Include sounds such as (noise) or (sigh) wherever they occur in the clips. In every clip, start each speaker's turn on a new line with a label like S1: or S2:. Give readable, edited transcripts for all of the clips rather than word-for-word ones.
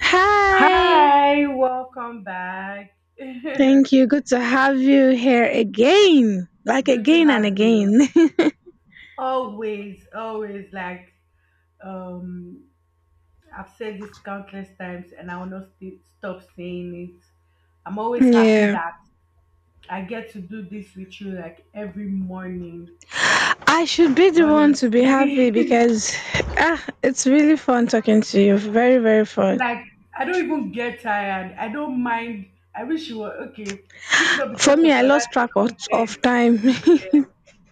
S1: Hi.
S2: Hi, welcome back. (laughs) Good
S1: Thank you. Good to have you here again. Like
S2: to
S1: again and
S2: have you.
S1: again.
S2: Always, always, like um I've said this countless times and I will not stop saying it. I'm
S1: (laughs)
S2: always happy
S1: Yeah.
S2: that I get to do this with you like every morning.
S1: I should be the one to be happy
S2: Honestly. (laughs)
S1: because it's really fun talking to you. Very, very fun.
S2: Like I don't even get tired. I don't mind. I wish you were okay. If not
S1: For
S2: because
S1: me,
S2: of
S1: I
S2: other
S1: lost track of
S2: circumstances,
S1: time. (laughs)
S2: yes.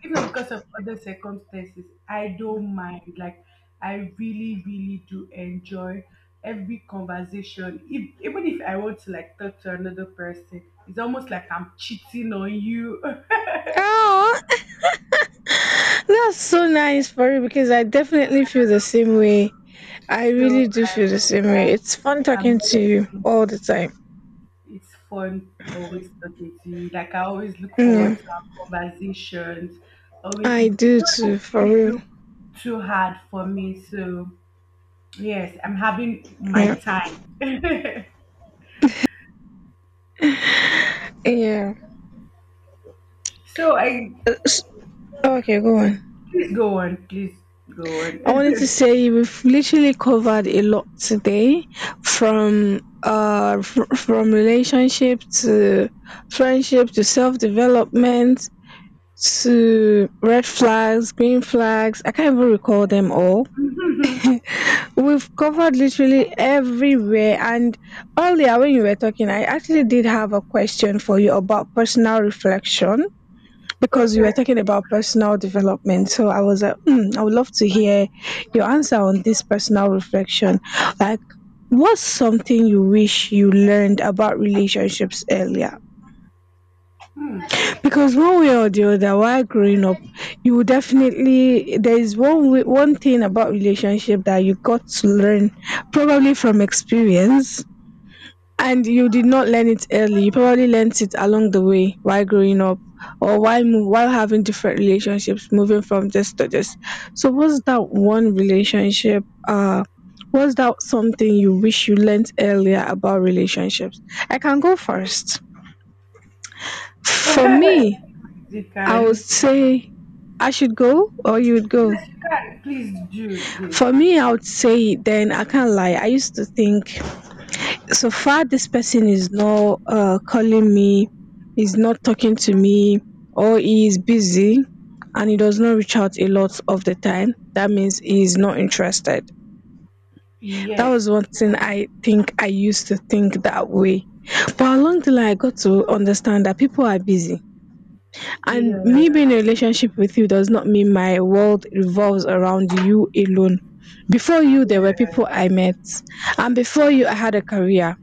S2: If not because of other circumstances, I don't mind. Like I really, really do enjoy every conversation. If, even if I want to like talk to another person, it's almost like I'm cheating on you. (laughs)
S1: Oh, that's so nice for you because I definitely feel the same way. I
S2: So
S1: really do feel the
S2: I'm,
S1: same way. It's fun
S2: I'm, I'm
S1: talking to you
S2: honestly
S1: all the time.
S2: it's fun always talking to you. Like I always look
S1: Yeah,
S2: forward to our conversations. Always,
S1: I
S2: it
S1: do
S2: don't
S1: too,
S2: even
S1: for
S2: really
S1: real.
S2: look too hard for me. So yes, I'm having my
S1: Yeah.
S2: time. (laughs)
S1: Yeah.
S2: So I
S1: Okay, go on.
S2: please go on. Please go on.
S1: I wanted to say we've literally covered a lot today from from relationship to friendship to self-development to red flags, green flags. I can't even recall them all.
S2: (laughs)
S1: We've covered literally everywhere, and earlier when you were talking I actually did have a question for you about personal reflection because you were
S2: Okay.
S1: talking about personal development. So I was like, mm, I would love to hear your answer on this personal reflection. Like, what's something you wish you learned about relationships earlier?
S2: Hmm.
S1: Because one way or the other, while growing up, you would definitely there is one way, one thing about relationship that you got to learn probably from experience, and you did not learn it early. You probably learned it along the way while growing up, or while while having different relationships, moving from just to just. So what's that one relationship? What's that something you wish you learned earlier about relationships? I can go first. For me,
S2: (laughs) You
S1: I would
S2: can.
S1: say I should go or you would go.
S2: Yes, you can. Please do. Please.
S1: For me, I would say then I can't lie. I used to think so far this person is not calling me, is not talking to me, or he is busy and he does not reach out a lot of the time, that means he is not interested. That
S2: Yes.
S1: was one thing I think I used to think that way, but along the line I got to understand that people are busy, and
S2: Yes.
S1: me being in a
S2: Yes.
S1: relationship with you does not mean my world revolves around you alone. Before you there were people I met, and before you I had a career,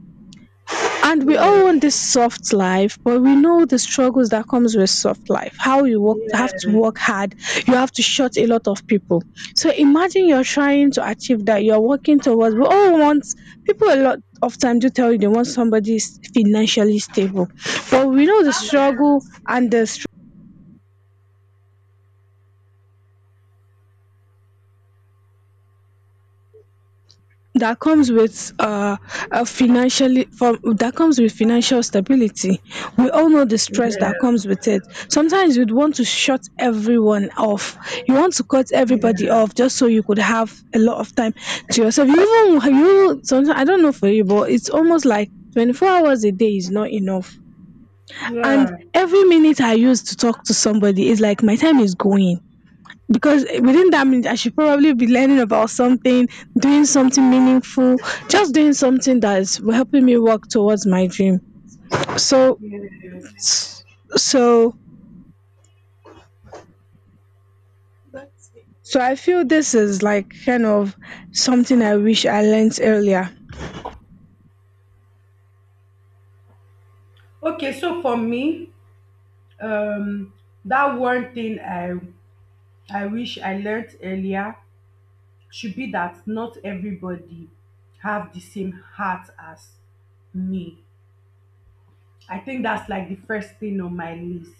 S1: and we all
S2: Yes.
S1: want this soft life, but we know the struggles that comes with soft life, how you work have to
S2: Yes.
S1: work hard. You have to shut a lot of people, so imagine you're trying to achieve that, you're working towards, we all want people a lot of time do tell you they want somebody s- financially stable, but we know the struggle and the that comes with a financially from that comes with financial stability, we all know the stress that
S2: Yes.
S1: comes with it. Sometimes you'd want to shut everyone off, you want to cut
S2: Yeah,
S1: everybody
S2: yeah.
S1: off just so you could have a lot of time to yourself. You even you sometimes, I don't know for you, but it's almost like 24 hours a day is not enough, and
S2: Yeah,
S1: every minute I use to talk to somebody is like my time is going, because within that minute, I should probably be learning about something, doing something meaningful, just doing something that is helping me work towards my dream. So,
S2: yes.
S1: so, so I feel this is like kind of something I wish I learned earlier.
S2: Okay, so for me, um, that one thing I wish I learnt earlier should be that not everybody have the same heart as me. I think that's like the first thing on my list.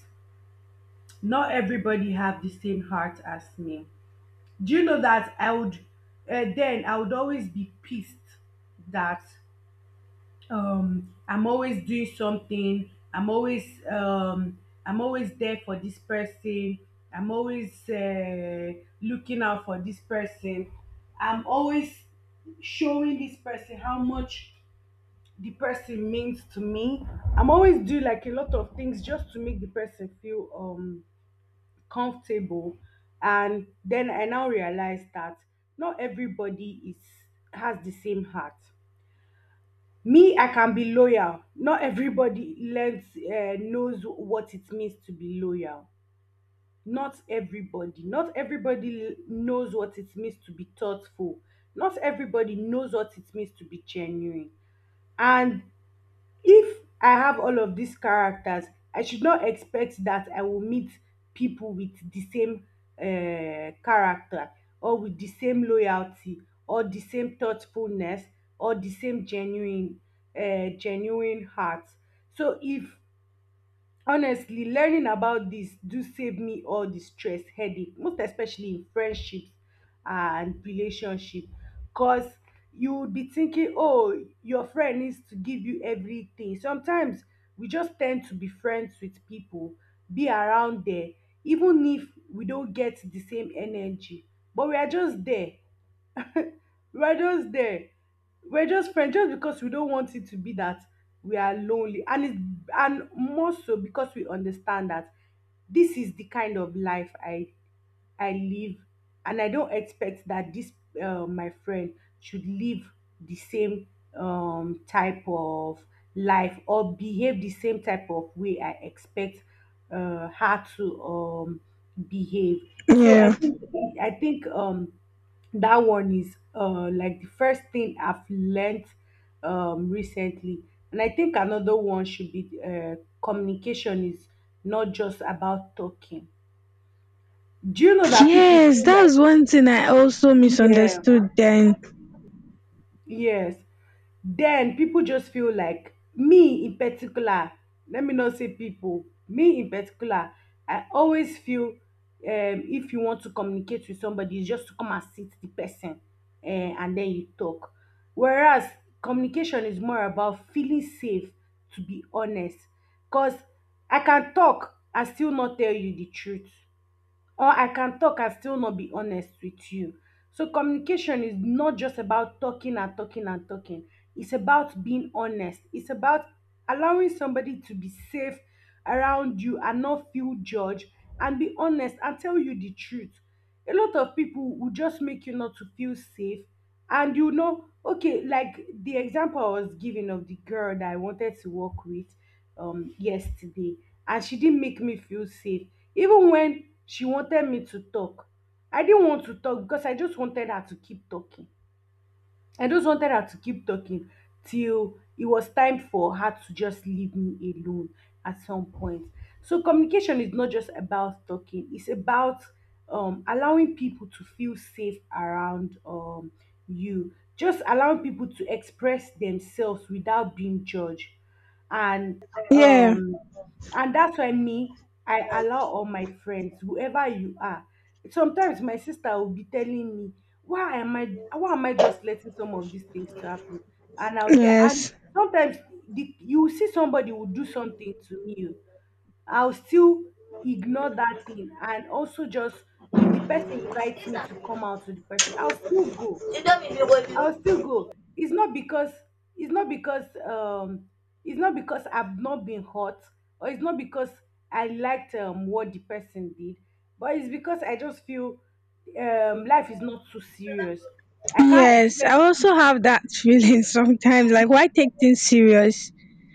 S2: Not everybody have the same heart as me. Do you know that I would then I would always be pissed that I'm always doing something, I'm always, I'm always there for this person, I'm always looking out for this person, I'm always showing this person how much the person means to me, I'm always doing like a lot of things just to make the person feel comfortable. And then I now realize that not everybody is has the same heart. Me, I can be loyal. Not everybody learns, knows what it means to be loyal. Not everybody. Not everybody knows what it means to be thoughtful. Not everybody knows what it means to be genuine. And if I have all of these characters, I should not expect that I will meet people with the same character, or with the same loyalty, or the same thoughtfulness, or the same genuine genuine heart. So if honestly learning about this do save me all the stress headache, most especially in friendships and relationship. Cause you would be thinking, oh your friend needs to give you everything. Sometimes we just tend to be friends with people, be around there even if we don't get the same energy, but we are just there. We're just there. We're just friends just because we don't want it to be that we are lonely. And it and more so because we understand that this is the kind of life I live, and I don't expect that this my friend should live the same type of life, or behave the same type of way I expect her to behave. So
S1: Yeah.
S2: I think that one is like the first thing I've learned, recently. And I think another one should be communication is not just about talking. Do you know that people
S1: Yes,
S2: feel like
S1: that's one thing I also
S2: yeah,
S1: misunderstood then.
S2: yes. Then people just feel like me in particular, let me not say people, me in particular, I always feel if you want to communicate with somebody, it's just to come and sit the person and then you talk. Whereas communication is more about feeling safe, to be honest. Because I can talk and still not tell you the truth, or I can talk and still not be honest with you. So communication is not just about talking and talking and talking. It's about being honest. It's about allowing somebody to be safe around you and not feel judged and be honest and tell you the truth. A lot of people will just make you not to feel safe. And you know, okay, like the example I was giving of the girl that I wanted to work with yesterday, and she didn't make me feel safe. Even when she wanted me to talk, I didn't want to talk because I just wanted her to keep talking. I just wanted her to keep talking till it was time for her to just leave me alone at some point. So communication is not just about talking. It's about allowing people to feel safe around you, just allowing people to express themselves without being judged. And
S1: Yeah.
S2: um and that's why me, I allow all my friends, whoever you are. Sometimes my sister will be telling me, why am I, why am I just letting some of these things to happen? And I'll tell and
S1: Yes.
S2: sometimes you will see somebody will do something to me, I'll still ignore that thing, and also just if the person invites me to come out to the person, I'll still go. I'll still go. It's not because it's not because it's not because I've not been hot, or it's not because I liked what the person did, but it's because I just feel life is not too serious. I can't
S1: Yes. I
S2: expect this.
S1: also have that (laughs) feeling sometimes. Like, why take things serious?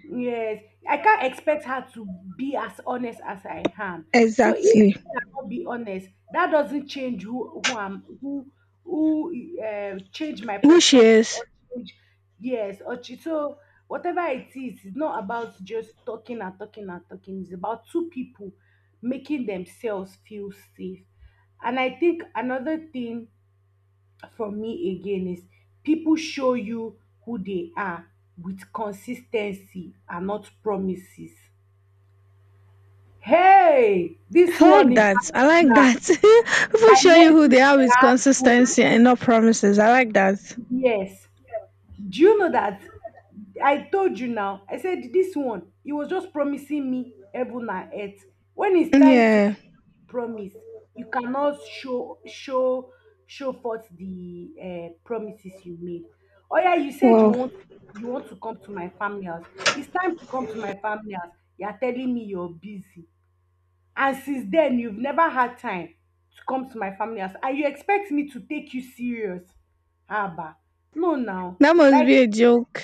S2: Yes, I can't expect her to be as honest as I am. So if
S1: Exactly.
S2: she cannot be honest, that doesn't change who I'm who change my
S1: Who she
S2: perspective
S1: is?
S2: or change yes or so whatever it is, it's not about just talking and talking and talking. It's about two people making themselves feel safe. And I think another thing from me again is people show you who they are with consistency and not promises. Hey, this
S1: I
S2: one
S1: like
S2: in
S1: that. I like
S2: particular,
S1: that. (laughs) People
S2: I
S1: show you
S2: learned
S1: who
S2: it
S1: they are
S2: the
S1: with
S2: hard way.
S1: consistency and not promises. I like that.
S2: Yes. Do you know that I told you now? I said this one, he was just promising me heaven and earth. When it's time to
S1: Yeah.
S2: promise, you cannot show show forth the promises you made. Oh yeah, you said
S1: Wow.
S2: you want to come to my family house. It's time to come to my family house. You are telling me you're busy, and since then you've never had time to come to my family house, and you expect me to take you serious, haba? No, now,
S1: That must
S2: like
S1: be a joke.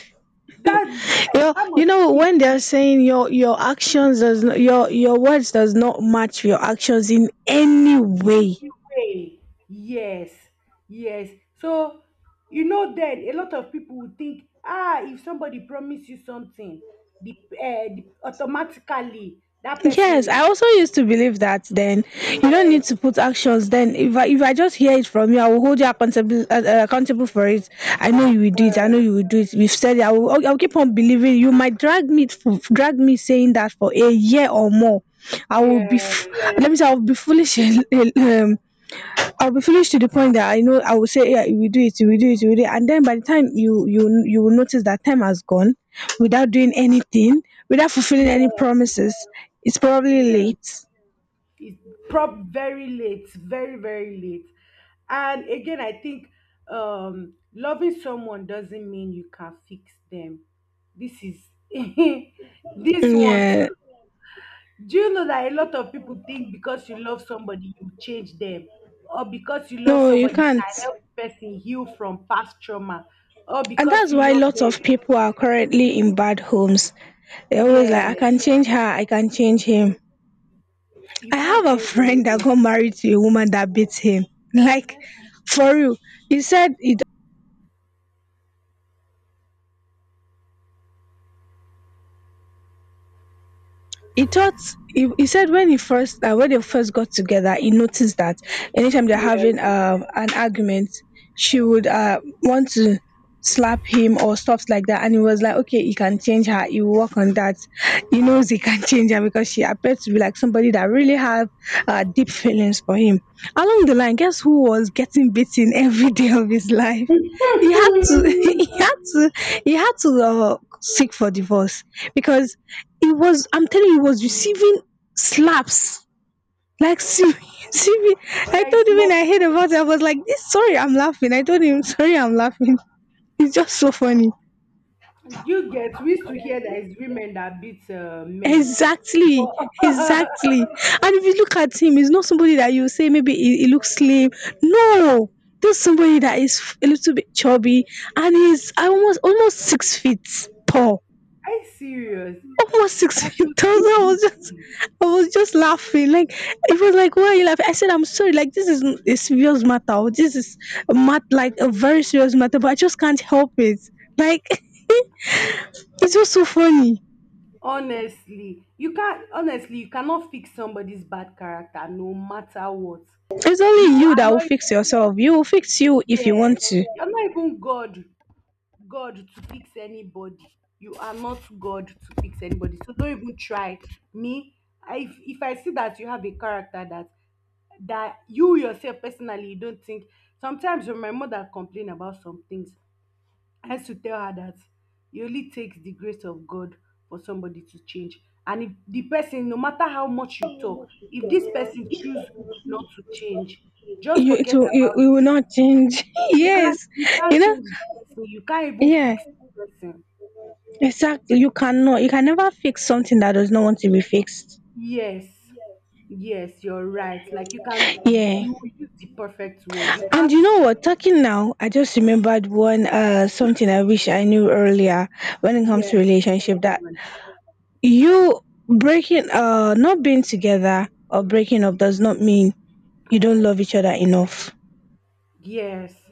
S2: that's yes,
S1: Yo,
S2: that
S1: you
S2: must
S1: know
S2: be
S1: when they're saying your actions does not, your words does not match your actions in any way.
S2: the way. Yes, yes. So you know, then a lot of people would think, ah, if somebody promise you something, the automatically that person
S1: Yes,
S2: is
S1: I also used to believe that then you don't need to
S2: yes,
S1: put actions then if I just hear it from you I will hold you accountable accountable for it. I know you will
S2: uh,
S1: do it. I know you will do it. We've said it. I will I'll keep on believing. You might drag me drag me saying that for a year or more. I will be f-
S2: yes,
S1: Let me say I'll be foolish. (laughs) um, I'll be foolish to the point that I know I will say, yeah, we do it, and then by the time you will notice that time has gone without doing anything, without fulfilling any
S2: yeah,
S1: promises, it's probably
S2: yeah.
S1: late.
S2: It's prob very late, very, very late. And again, I think loving someone doesn't mean you can fix them. This is (laughs) this one
S1: Yeah,
S2: too. Do you know that a lot of people think because you love somebody you change them, or because you love
S1: no, you
S2: somebody you
S1: can't,
S2: can help the person heal from past trauma, or
S1: and
S2: because
S1: that's
S2: you
S1: why
S2: love
S1: lots
S2: them
S1: of people are currently in bad homes. They're always like, I
S2: yes
S1: can change her, I can change him.
S2: you
S1: I have
S2: can't
S1: a
S2: change
S1: friend that
S2: anybody.
S1: got married to a woman that beats him, like for real. He said he He thought he e said when he first when they first got together he noticed that anytime they're having
S2: Yeah.
S1: an argument she would want to slap him or stuff like that, and he was like, okay, he can change her, he will work on that. He knows he can (laughs) change her because she appeared to be like somebody that really have deep feelings for him. Along the line, guess who was getting beaten (laughs) every day of his life. He
S2: (laughs)
S1: had to (laughs) he had to seek for divorce because he was, I'm telling you, he was receiving slaps. Like, "See, (laughs) serious. I
S2: Like
S1: told him when
S2: small.
S1: I heard about it, I was like, this sorry, I'm laughing. I told him, sorry, I'm laughing. (laughs) It's just so funny.
S2: You get, we used to hear that it's women that beat men.
S1: Exactly.
S2: But (laughs) are
S1: Exactly. And if you look at him, he's not somebody that you say maybe he looks slim. No. This somebody that is a little bit chubby and he's almost 6 feet tall,
S2: you serious?
S1: almost six
S2: I should
S1: thousand. (laughs)
S2: still beat him.
S1: I was just laughing. Like it was like, why are you laughing? I said, I'm sorry. Like this is a serious matter. This is like a very serious matter. But I just can't help it. Like (laughs) it's just so funny.
S2: Honestly, you can't. Honestly, you cannot fix somebody's bad character, no matter what.
S1: It's only
S2: You
S1: you
S2: are
S1: that will
S2: not.
S1: fix yourself. You will fix you if you
S2: Yes,
S1: want to.
S2: you're not even God. God to fix anybody. You are not God to fix anybody. So don't even try. Me, if I see that you have a character that that you yourself personally you don't think sometimes when my mother complain about some things, I used to tell her that it only takes the grace of God for somebody to change. And if the person, no matter how much you talk, if this person choose not to change, just forget about.
S1: You will not change. (laughs)
S2: You can't,
S1: Yes,
S2: you
S1: you
S2: can't
S1: know.
S2: change the person. You can't even
S1: Yeah,
S2: fix the person.
S1: exactly. You cannot. You can never fix something that does not want to be fixed.
S2: Yes, yes, you're right. Like you can,
S1: Yeah.
S2: you use the perfect word. You
S1: And
S2: can't,
S1: you know what? Talking now, I just remembered one something I wish I knew earlier when it comes to
S2: yes, keep
S1: relationship, that
S2: on.
S1: you breaking not being together or breaking up does not mean you don't love each other enough.
S2: Yes,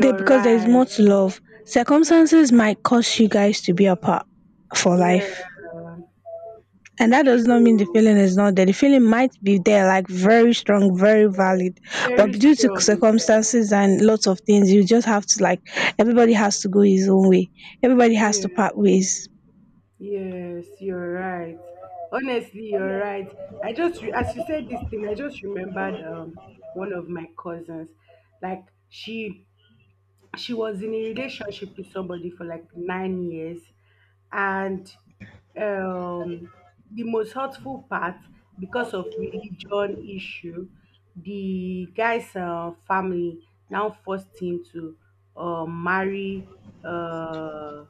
S1: They, because there is more
S2: right.
S1: to love. Circumstances might cause you guys to be apart for life,
S2: Yeah,
S1: and that does not mean the
S2: true.
S1: feeling is not there. The feeling might be there, like very strong, very valid, but
S2: Very
S1: due to
S2: strong. Yeah,
S1: circumstances and lots of things, you just have to like everybody has to go his own way, everybody has to
S2: yeah,
S1: part ways.
S2: yes, you're right. Honestly, you're right. I just, as you said this thing, I just remembered one of my cousins. Like she was in a relationship with somebody for like 9 years. And um the most hurtful part, because of religion issue, the guy's family now forced him to marry uh,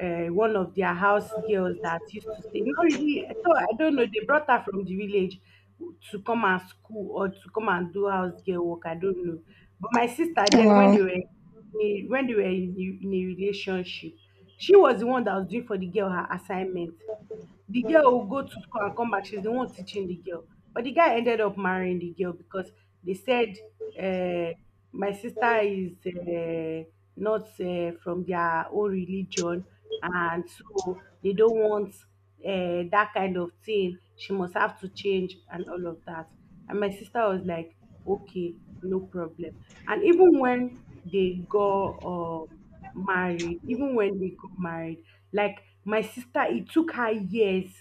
S2: one of their house girls that used to stay. Not really. I thought I don't know. They brought her from the village to come and school or to come and do house girl work. I don't know. But my sister, then when
S1: Wow.
S2: they were in a, when they were in, in a relationship, she was the one that was doing for the girl her assignment. The girl will go to school and come back. She's the one teaching the girl. But the guy ended up marrying the girl because they said, uh, my sister is not from their own religion. And so they don't want that kind of thing. She must have to change and all of that. And my sister was like, okay, no problem. And even when they go, even when they got married, like my sister, it took her years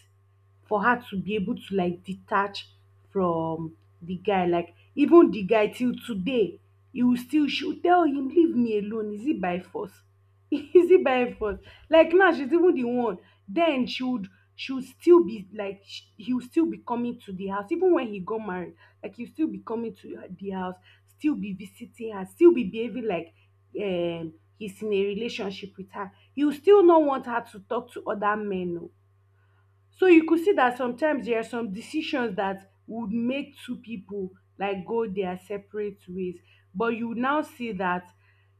S2: for her to be able to like detach from the guy. Like even the guy till today, he will still she will tell him, leave me alone. Is it by force? (laughs) easy by effort like now she's even the one then she would still be like he would still be coming to the house even when he got married, like he'll still be coming to the house, still be visiting her, still be behaving like he's in a relationship with her. He will still not want her to talk to other men. Oh, so you could see that sometimes there are some decisions that would make two people like go their separate ways, but you now see that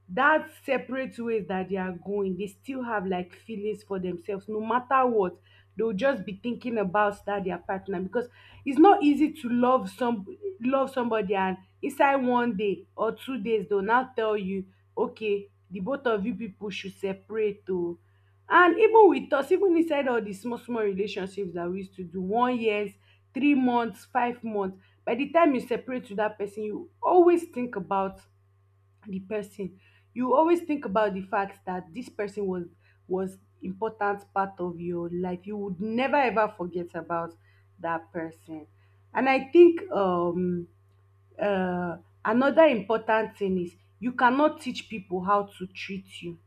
S2: that separate ways that they are going, they still have like feelings for themselves. No matter what, they'll just be thinking about that their partner, because it's not easy to love somebody, and inside one day or two days they'll now tell you, okay, the both of you people should separate. Oh, and even with us, even inside all the small, small relationships that we used to do, one years, 3 months, 5 months, by the time you separate with that person, you always think about the person. You always think about the fact that this person was important part of your life. You would never ever forget about that person. And I think uh another important thing is you cannot teach people how to treat you.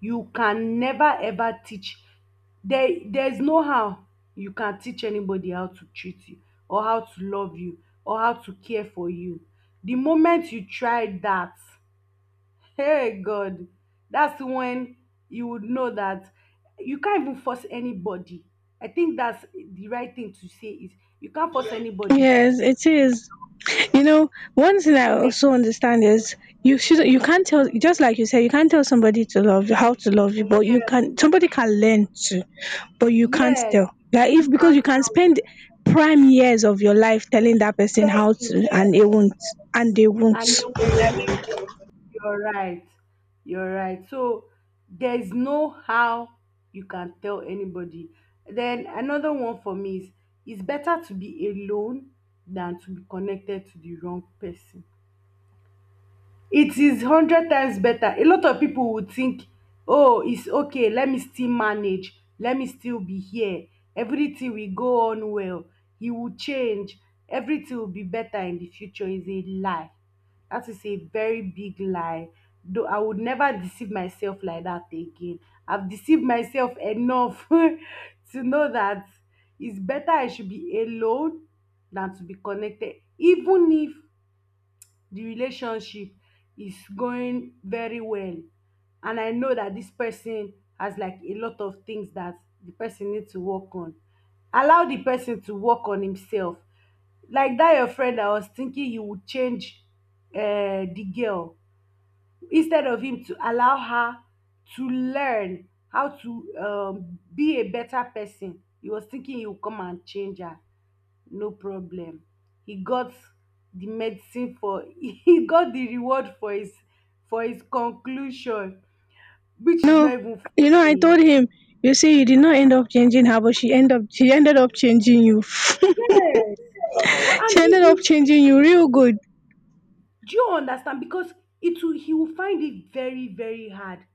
S2: You can never ever teach. There's no how you can teach anybody how to treat you, or how to love you, or how to care for you. The moment you try that, (laughs) hey god, that's when you would know that you can't even force anybody. I think that's the right thing to say is you can't force anybody.
S1: Yes, it is. You know, one thing I
S2: Ne-
S1: also understand is you should you can't tell, just like you said, you can't tell somebody to love you, how to love you, but you
S2: yeah,
S1: can, somebody can learn to, but you can't
S2: yes,
S1: tell. Like if
S2: you
S1: because you
S2: can't
S1: can
S2: tell,
S1: spend prime years of your life telling that person how
S2: begging,
S1: to, and they
S2: yeah,
S1: won't, and they won't.
S2: and you won't. You're right. You're right. So there's no how you can tell anybody. Then another one for me is it's better to be alone than to be connected to the wrong person. It is hundred times better. A lot of people would think, oh, it's okay, let me still manage, let me still be here, everything will go on well, he will change, everything will be better in the future. Is a lie. That is a very big lie. Though I would never deceive myself like that again. I've deceived myself enough (laughs) to know that it's better I should be alone than to be connected, even if the relationship is going very well and I know that this person has like a lot of things that the person needs to work on. Allow the person to work on himself. Like that your friend. I was thinking you would change the girl instead of him to allow her to learn how to be a better person. He was thinking he would come and change her. No problem. E got di medicine for (laughs) e got di reward for his conclusion, which is
S1: No,
S2: not even
S1: you know I
S2: funny.
S1: told him. You see, you did not end up changing her, but she ended up changing you. (laughs) She
S2: Yes, true, and
S1: ended up
S2: you- it.
S1: changing you real good.
S2: Do you understand? Because it will he will find it very, very hard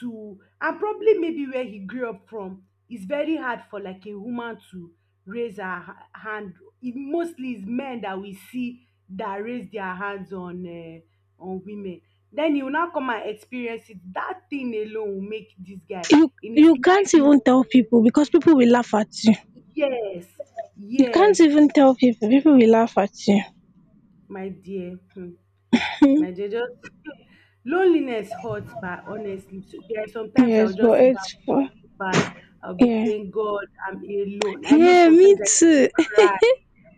S2: to, and probably maybe where he grew up from, it's very hard for like a woman to raise her hand. It mostly is men that we see that raise their hands on women. Then he will now come and experience it. That thing alone will make this guy
S1: You
S2: in his
S1: you
S2: life.
S1: can't
S2: He will,
S1: even tell people because people will laugh at you.
S2: yes,
S1: You can't
S2: yes,
S1: even tell people. People will laugh at you.
S2: my dear. Hmm. My
S1: (laughs)
S2: dear, just (laughs) loneliness hurts, but honestly, so there are sometimes I'll
S1: Yes,
S2: just
S1: but
S2: sit down
S1: it's for
S2: feeling bad. I'll be
S1: yeah.
S2: saying, God, I'm alone. I know
S1: Yeah, me
S2: sometimes I
S1: too.
S2: cry.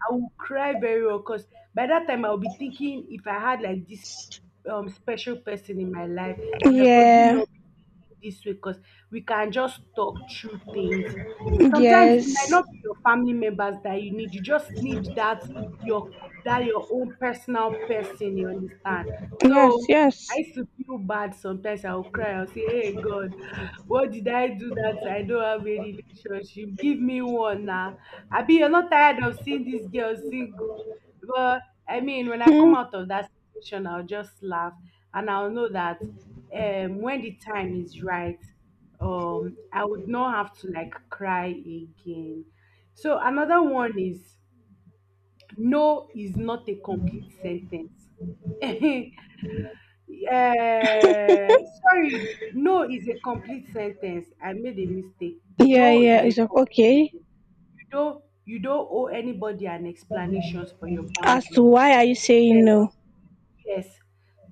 S2: I will cry very well because by that time I'll be thinking if I had like this special person in my life,
S1: (laughs)
S2: I might probably
S1: Yeah.
S2: not be this way because we can just talk through things. Sometimes it might
S1: Yes.
S2: not be your family members that you need. You just need your that your own personal person. You understand?
S1: Yes,
S2: So I
S1: yes.
S2: used to feel bad sometimes. I would cry. I would say, "Hey God, what did I do that I don't have a relationship? Give me one now. Abi, you're not tired of seeing this girl single." Well, I mean, when I
S1: Hmm.
S2: come out of that situation, I'll just laugh and I'll know that when the time is right, I would not have to like cry again. So another one is no is not a complete sentence. (laughs) Uh, sorry, no is a complete sentence. I made a mistake.
S1: Yeah,
S2: No
S1: yeah.
S2: is a
S1: It's like,
S2: complete
S1: okay.
S2: sentence. You don't owe anybody an explanations for your
S1: As to
S2: boundaries.
S1: why are you saying
S2: Yeah,
S1: no?
S2: yes,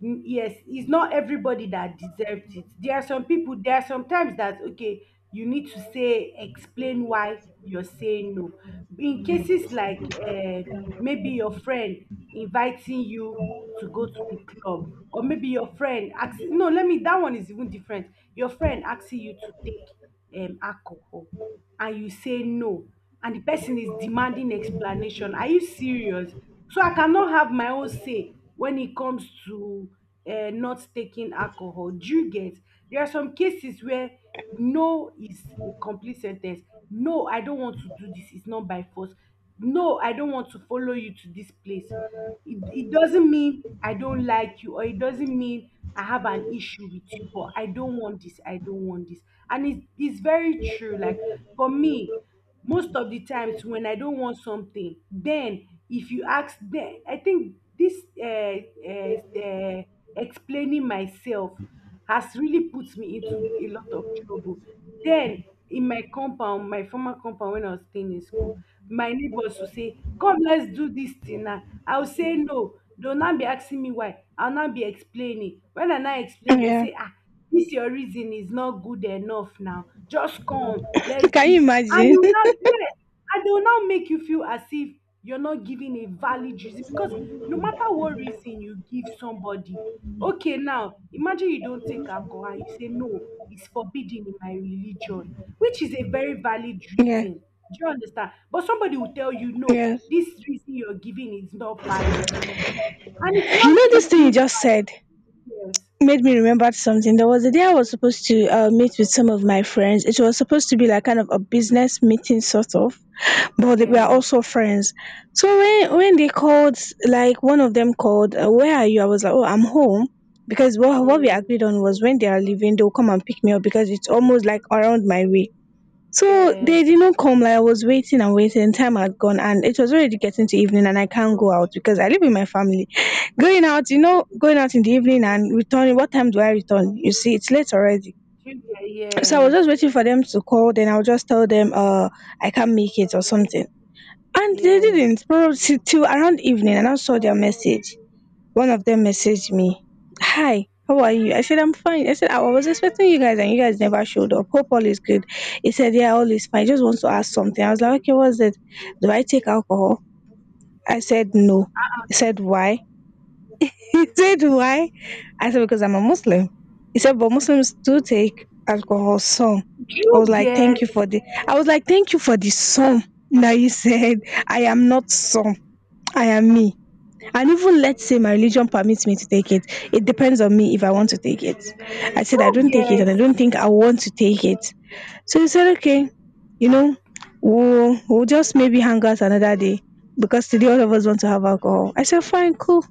S2: mm, yes, it's not everybody that deserves it. There are some people, there are sometimes that, okay, you need to say, explain why you're saying no, in cases like maybe your friend inviting you to go to the club, or maybe your friend asking, no, let me, that one is even different. Your friend asking you to take alcohol, and you say no, and the person is demanding explanation, are you serious? So I cannot have my own say when it comes to not taking alcohol. Do you get? There are some cases where no is a complete sen ten ce. No, I don't want to do this. It's not by force. No, I don't want to follow you to this place. It doesn't mean I don't like you, or it doesn't mean I have an issue with you, but I don't want this. I don't want this. And it's very true. Like for me, most of the times when I don want something then if you ask then I think this um um explaining myself has really put me into a lot of trouble, then in my compound, my former compound when I was staying in school, my neighbors will say come let's do this thing now, I will say no, they will now be asking me why, I will now be explaining, when I now explain they will
S1: Yeah.
S2: say ah this your reason is not good enough now. Just come, let's
S1: (laughs)
S2: do
S1: Can you
S2: it. And it
S1: imagine?
S2: will not,
S1: (laughs)
S2: yes, and they will not make you feel as if you're not giving a valid reason, because no matter what reason you give somebody, okay, now imagine you don't take alcohol and you say, no, it's forbidden in my religion, which is a very valid
S1: Yeah,
S2: reason. Do you understand? But somebody will tell you, no,
S1: yes.
S2: this reason you're giving is not valid. And it will
S1: You
S2: not
S1: know,
S2: make
S1: this
S2: you
S1: thing you
S2: feel
S1: just said
S2: bad. Yes.
S1: made me remember something. There was a day I was supposed to meet with some of my friends. It was supposed to be like kind of a business meeting, sort of, but they were
S2: Yeah.
S1: also friends. So when they called, like one of them called, "Where are you?" I was like, "Oh, I'm home." Because what we
S2: Mm.
S1: agreed on was when they are leaving, they'll come and pick me up because it's almost like around my way. So they
S2: Yes.
S1: did not come, like I was waiting and waiting, time had gone and it was already getting to evening, and I can't go out because I live with my family. Going out, you know, going out in the evening and returning, what time do I return? You see, it's late already.
S2: You get?
S1: So I was
S2: Yes,
S1: just waiting for them to call, then I'll just tell them I can't make it or something. And they
S2: yes.
S1: didn't, probably till around evening, and I now saw their message. One of them messaged me, "Hi, how are you?" I said, "I'm fine." I said, "I was expecting you guys and you guys never showed up. Hope all is good." He said, "Yeah, all is fine. Just want to ask something." I was like, "Okay, what's it? Do I take alcohol?" I said, "No." He said, "Why?" (laughs) He said, "Why?" I said, "Because I'm a Muslim." He said, "But Muslims do take alcohol some." I was
S2: You
S1: like, "Thank
S2: get?
S1: you for the I was like, "Thank you for the some." Now you said, "I am not some. I am me." And even let's say my religion permits me to take it, it depends on me if I want to take it. I said I
S2: You
S1: don't take it, and I
S2: get?
S1: don't think I want to take it. So he said, okay, you know, we'll just maybe hang out another day because today all of us want to have alcohol. I said, fine, cool.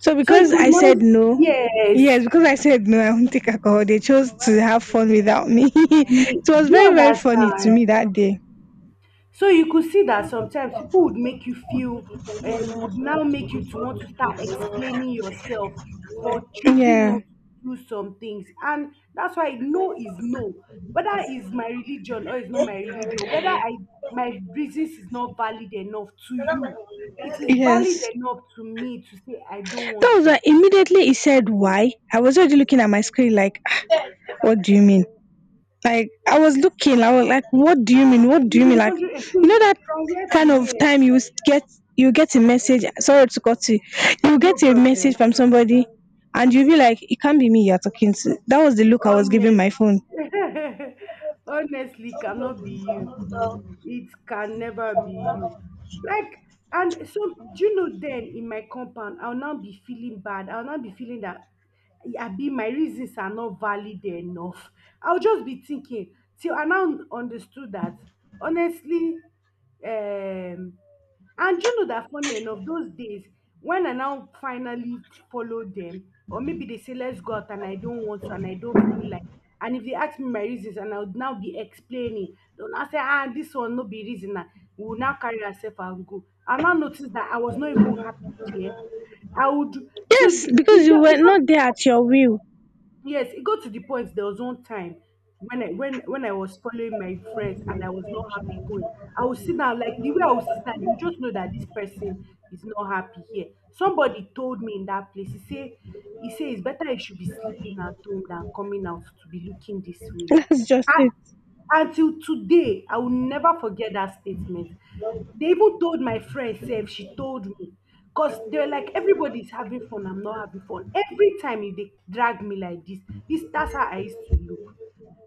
S1: So
S2: So you
S1: because
S2: could
S1: I
S2: not.
S1: said no,
S2: Yes,
S1: yes, because I said no, I won't take alcohol, they chose to have fun without me. (laughs)
S2: me.
S1: It was
S2: Do you
S1: very, very funny to
S2: understand?
S1: me that day.
S2: So you could see that sometimes people would make you feel would now make you to want to start explaining yourself for choosing
S1: Yeah,
S2: not to do some things. And that's why no is no. Whether it's my religion or it's not my religion, whether I my reasons is not valid enough to you, it is valid
S1: yes.
S2: enough to me to say I don't
S1: That
S2: want
S1: was
S2: to.
S1: like, immediately he said why, I was already looking at my screen like, "Ah, what do you mean? Like I was looking, I was like, what do you mean? What do
S2: You'll
S1: you
S2: be
S1: mean? Like,
S2: wondering (laughs)
S1: you know that
S2: from where
S1: kind
S2: to
S1: of
S2: where,
S1: time get you get a message. Sorry to cut you. You
S2: no
S1: get a message
S2: problem.
S1: from somebody, and you be like, it can't be me you're talking to. That was the look I was giving
S2: Honest.
S1: my phone.
S2: (laughs) Honestly, cannot be you. It can never be you. Like, and so, do you know then in my compound, I'll now be feeling bad. I'll now be feeling that I be my reasons are not valid enough. I'll just be thinking till I now understood that honestly, um, and you know that funny enough, those days when I now finally follow them, or maybe they say let's go out and I don't want to and I don't feel like, and if they ask me my reasons and I would now be explaining, they'll now say ah this one no be reason, na. We will now carry ourselves and go. I now noticed that I was not even happy there. I would to
S1: Yes,
S2: the,
S1: because you
S2: it
S1: were not there
S2: got
S1: at your will.
S2: yes, it got to the point there was one time when I was following my friends and I was not happy going. I would sit down like the way I would sit down, you just know that this person is not happy here. Somebody told me in that place, he say it's better you should be sleeping at home than coming out to be looking this
S1: (laughs)
S2: way.
S1: That's just it.
S2: Until today, I will never forget that statement. They even told my friend sef, she told me. Because they're like, everybody's having fun, I'm not having fun. Every time if they drag me like this, that's how I used to look.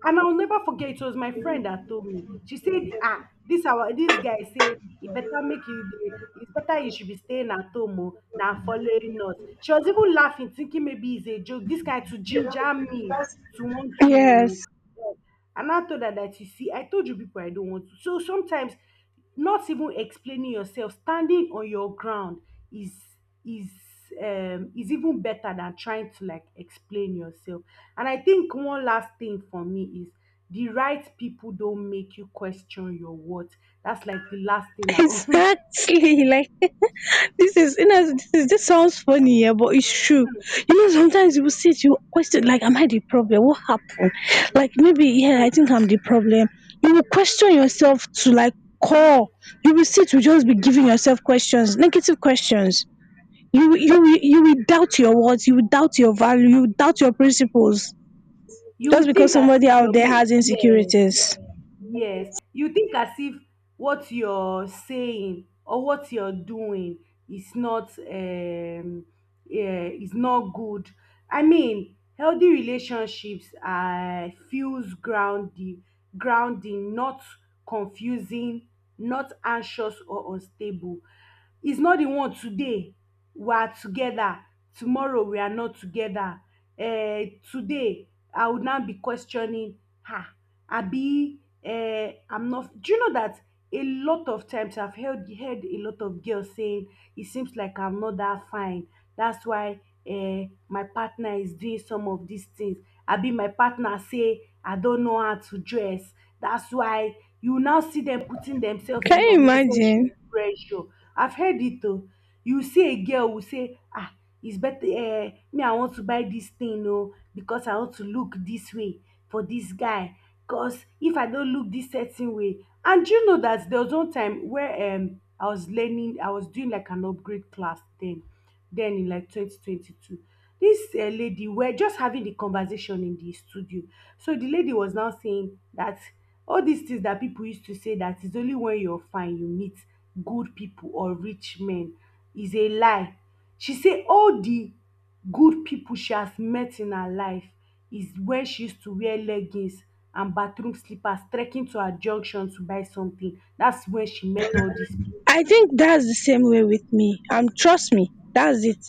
S2: And I'll never forget, it was my friend that told me. She said, ah, this our this guy say it's better you should be staying at home, oh, than following us. She was even laughing, thinking maybe it's a joke. This guy to ginger me to want to.
S1: Yes,
S2: Yes. And I told her that, you see, I told you people I don't want to. So sometimes not even explaining yourself, standing on your ground is is is even better than trying to, like, explain yourself. And I think one last thing for me is the right people don't make you question your worth. That's like the last thing
S1: (laughs)
S2: I. (laughs)
S1: exactly. Like. This is, you know, this is, this sounds funny, yeah, but it's true. You know, sometimes you will sit, you question like, am I the problem? What happened? Like maybe, yeah, I think I'm the problem. You will question yourself to like call. You will sit, you just be giving yourself questions, negative questions. You will doubt your words, you will doubt your value, you will doubt your principles just
S2: You
S1: because
S2: think as
S1: somebody
S2: if
S1: out
S2: you're
S1: there
S2: made,
S1: has
S2: yes.
S1: insecurities.
S2: Yes, you think as if what you're saying or what you're doing is not, yeah, is not good. I mean, healthy relationships feels grounding, not confusing, not anxious or unstable. It's not the one today we are together, tomorrow we are not together. Today I will now be questioning her, abi I'm not. Do you know that a lot of times I've heard a lot of girls saying, “it seems like I'm not that fine, that's why my partner is doing some of these things,” abi my partner say I don't know how to dress. That's why you now see them putting themselves
S1: Can
S2: in
S1: you
S2: unnecessary
S1: imagine?
S2: pressure. I've heard it though. You see, a girl will say, ah, it's better, eh, me, I want to buy this thing, oh, because I want to look this way for this guy. Because if I don't look this certain way. And you know that there was one time where I was learning, I was doing like an upgrade class then den in like 2022. Dis lady were just having the conversation in the studio. So the lady was now saying that all dis things that pipu use to say, that is only when you're fine you meet good pipu or rich men, is a lie. She say all the good pipu she has met in her life is when she used to wear leggings and bathroom slippers trekking to her junction to buy something. That's when she met all dis pipu.
S1: I think that's the same way with me. Trust me, that's it.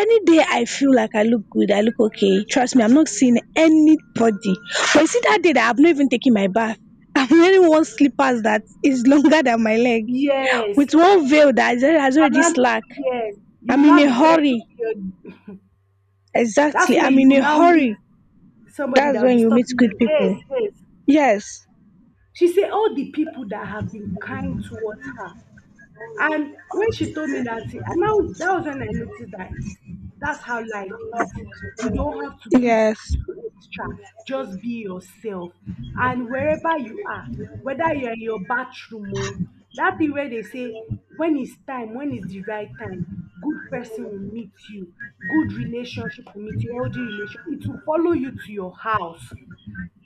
S1: Any day I feel like I look good, I look okay, trust me, I'm not seeing anybody, but you see that day that I've not even taken my bath, (laughs) I'm wearing one slippers that is longer than my leg
S2: Yes,
S1: with one veil that has
S2: you are
S1: already
S2: not.
S1: slack,
S2: Yes, you
S1: I'm
S2: will
S1: in
S2: not
S1: a
S2: be
S1: hurry,
S2: trekking to your, that's
S1: exactly,
S2: where
S1: I'm
S2: you
S1: in
S2: will
S1: a
S2: now meet
S1: hurry,
S2: somebody
S1: that's
S2: that will
S1: when
S2: be
S1: you meet
S2: stopping
S1: good
S2: you.
S1: people.
S2: Yes, yes.
S1: Yes,
S2: She said all the people that have been kind towards her. And when she told me that, and now that was when I noticed that, it, that's how life is. You don't have to do
S1: yes,
S2: too extra. Just be yourself. And wherever you are, whether you're in your bathroom or, that thing where they say, when it's time, when is the right time, good person will meet you, good relationship will meet you, healthy relationship, it will follow you to your house,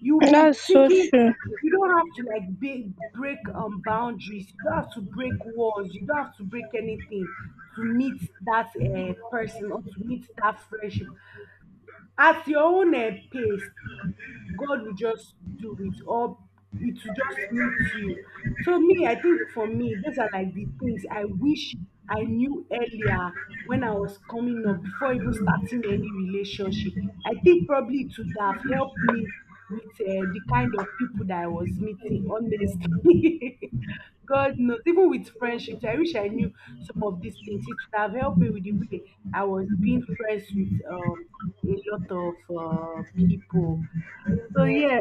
S2: you'll
S1: that's
S2: be
S1: so
S2: taking.
S1: true.
S2: You don't have to, like, be, break boundaries, you don't have to break walls, you don't have to break anything to meet that person or to meet that friendship at your own pace. God will just do it, or it will just meet you. So me, I think for me, those are like the things I wish I knew earlier when I was coming up, before even starting any relationship. I think probably it would have helped me with the kind of people that I was meeting, honestly. (laughs) God knows, even with friendships, I wish I knew some of these things. It would have helped me with the way I was being friends with a lot of people. So yeah,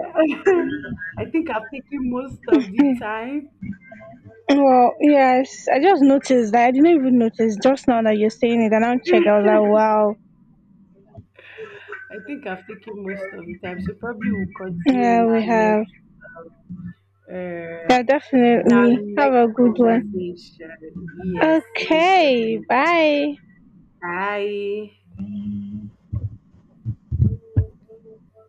S2: (laughs) I think I've taken most of the time.
S1: Well, yes, I just noticed that I didn't even notice just now that you're saying it and I don't check, I was like, wow.
S2: I think I've taken most of the time. So probably we'll continue
S1: Yeah,
S2: in
S1: we
S2: our
S1: have.
S2: next uh
S1: Yeah,
S2: in our
S1: definitely. Have
S2: next
S1: a good one.
S2: conversation. Yes, most
S1: Okay,
S2: definitely.
S1: bye.
S2: Bye.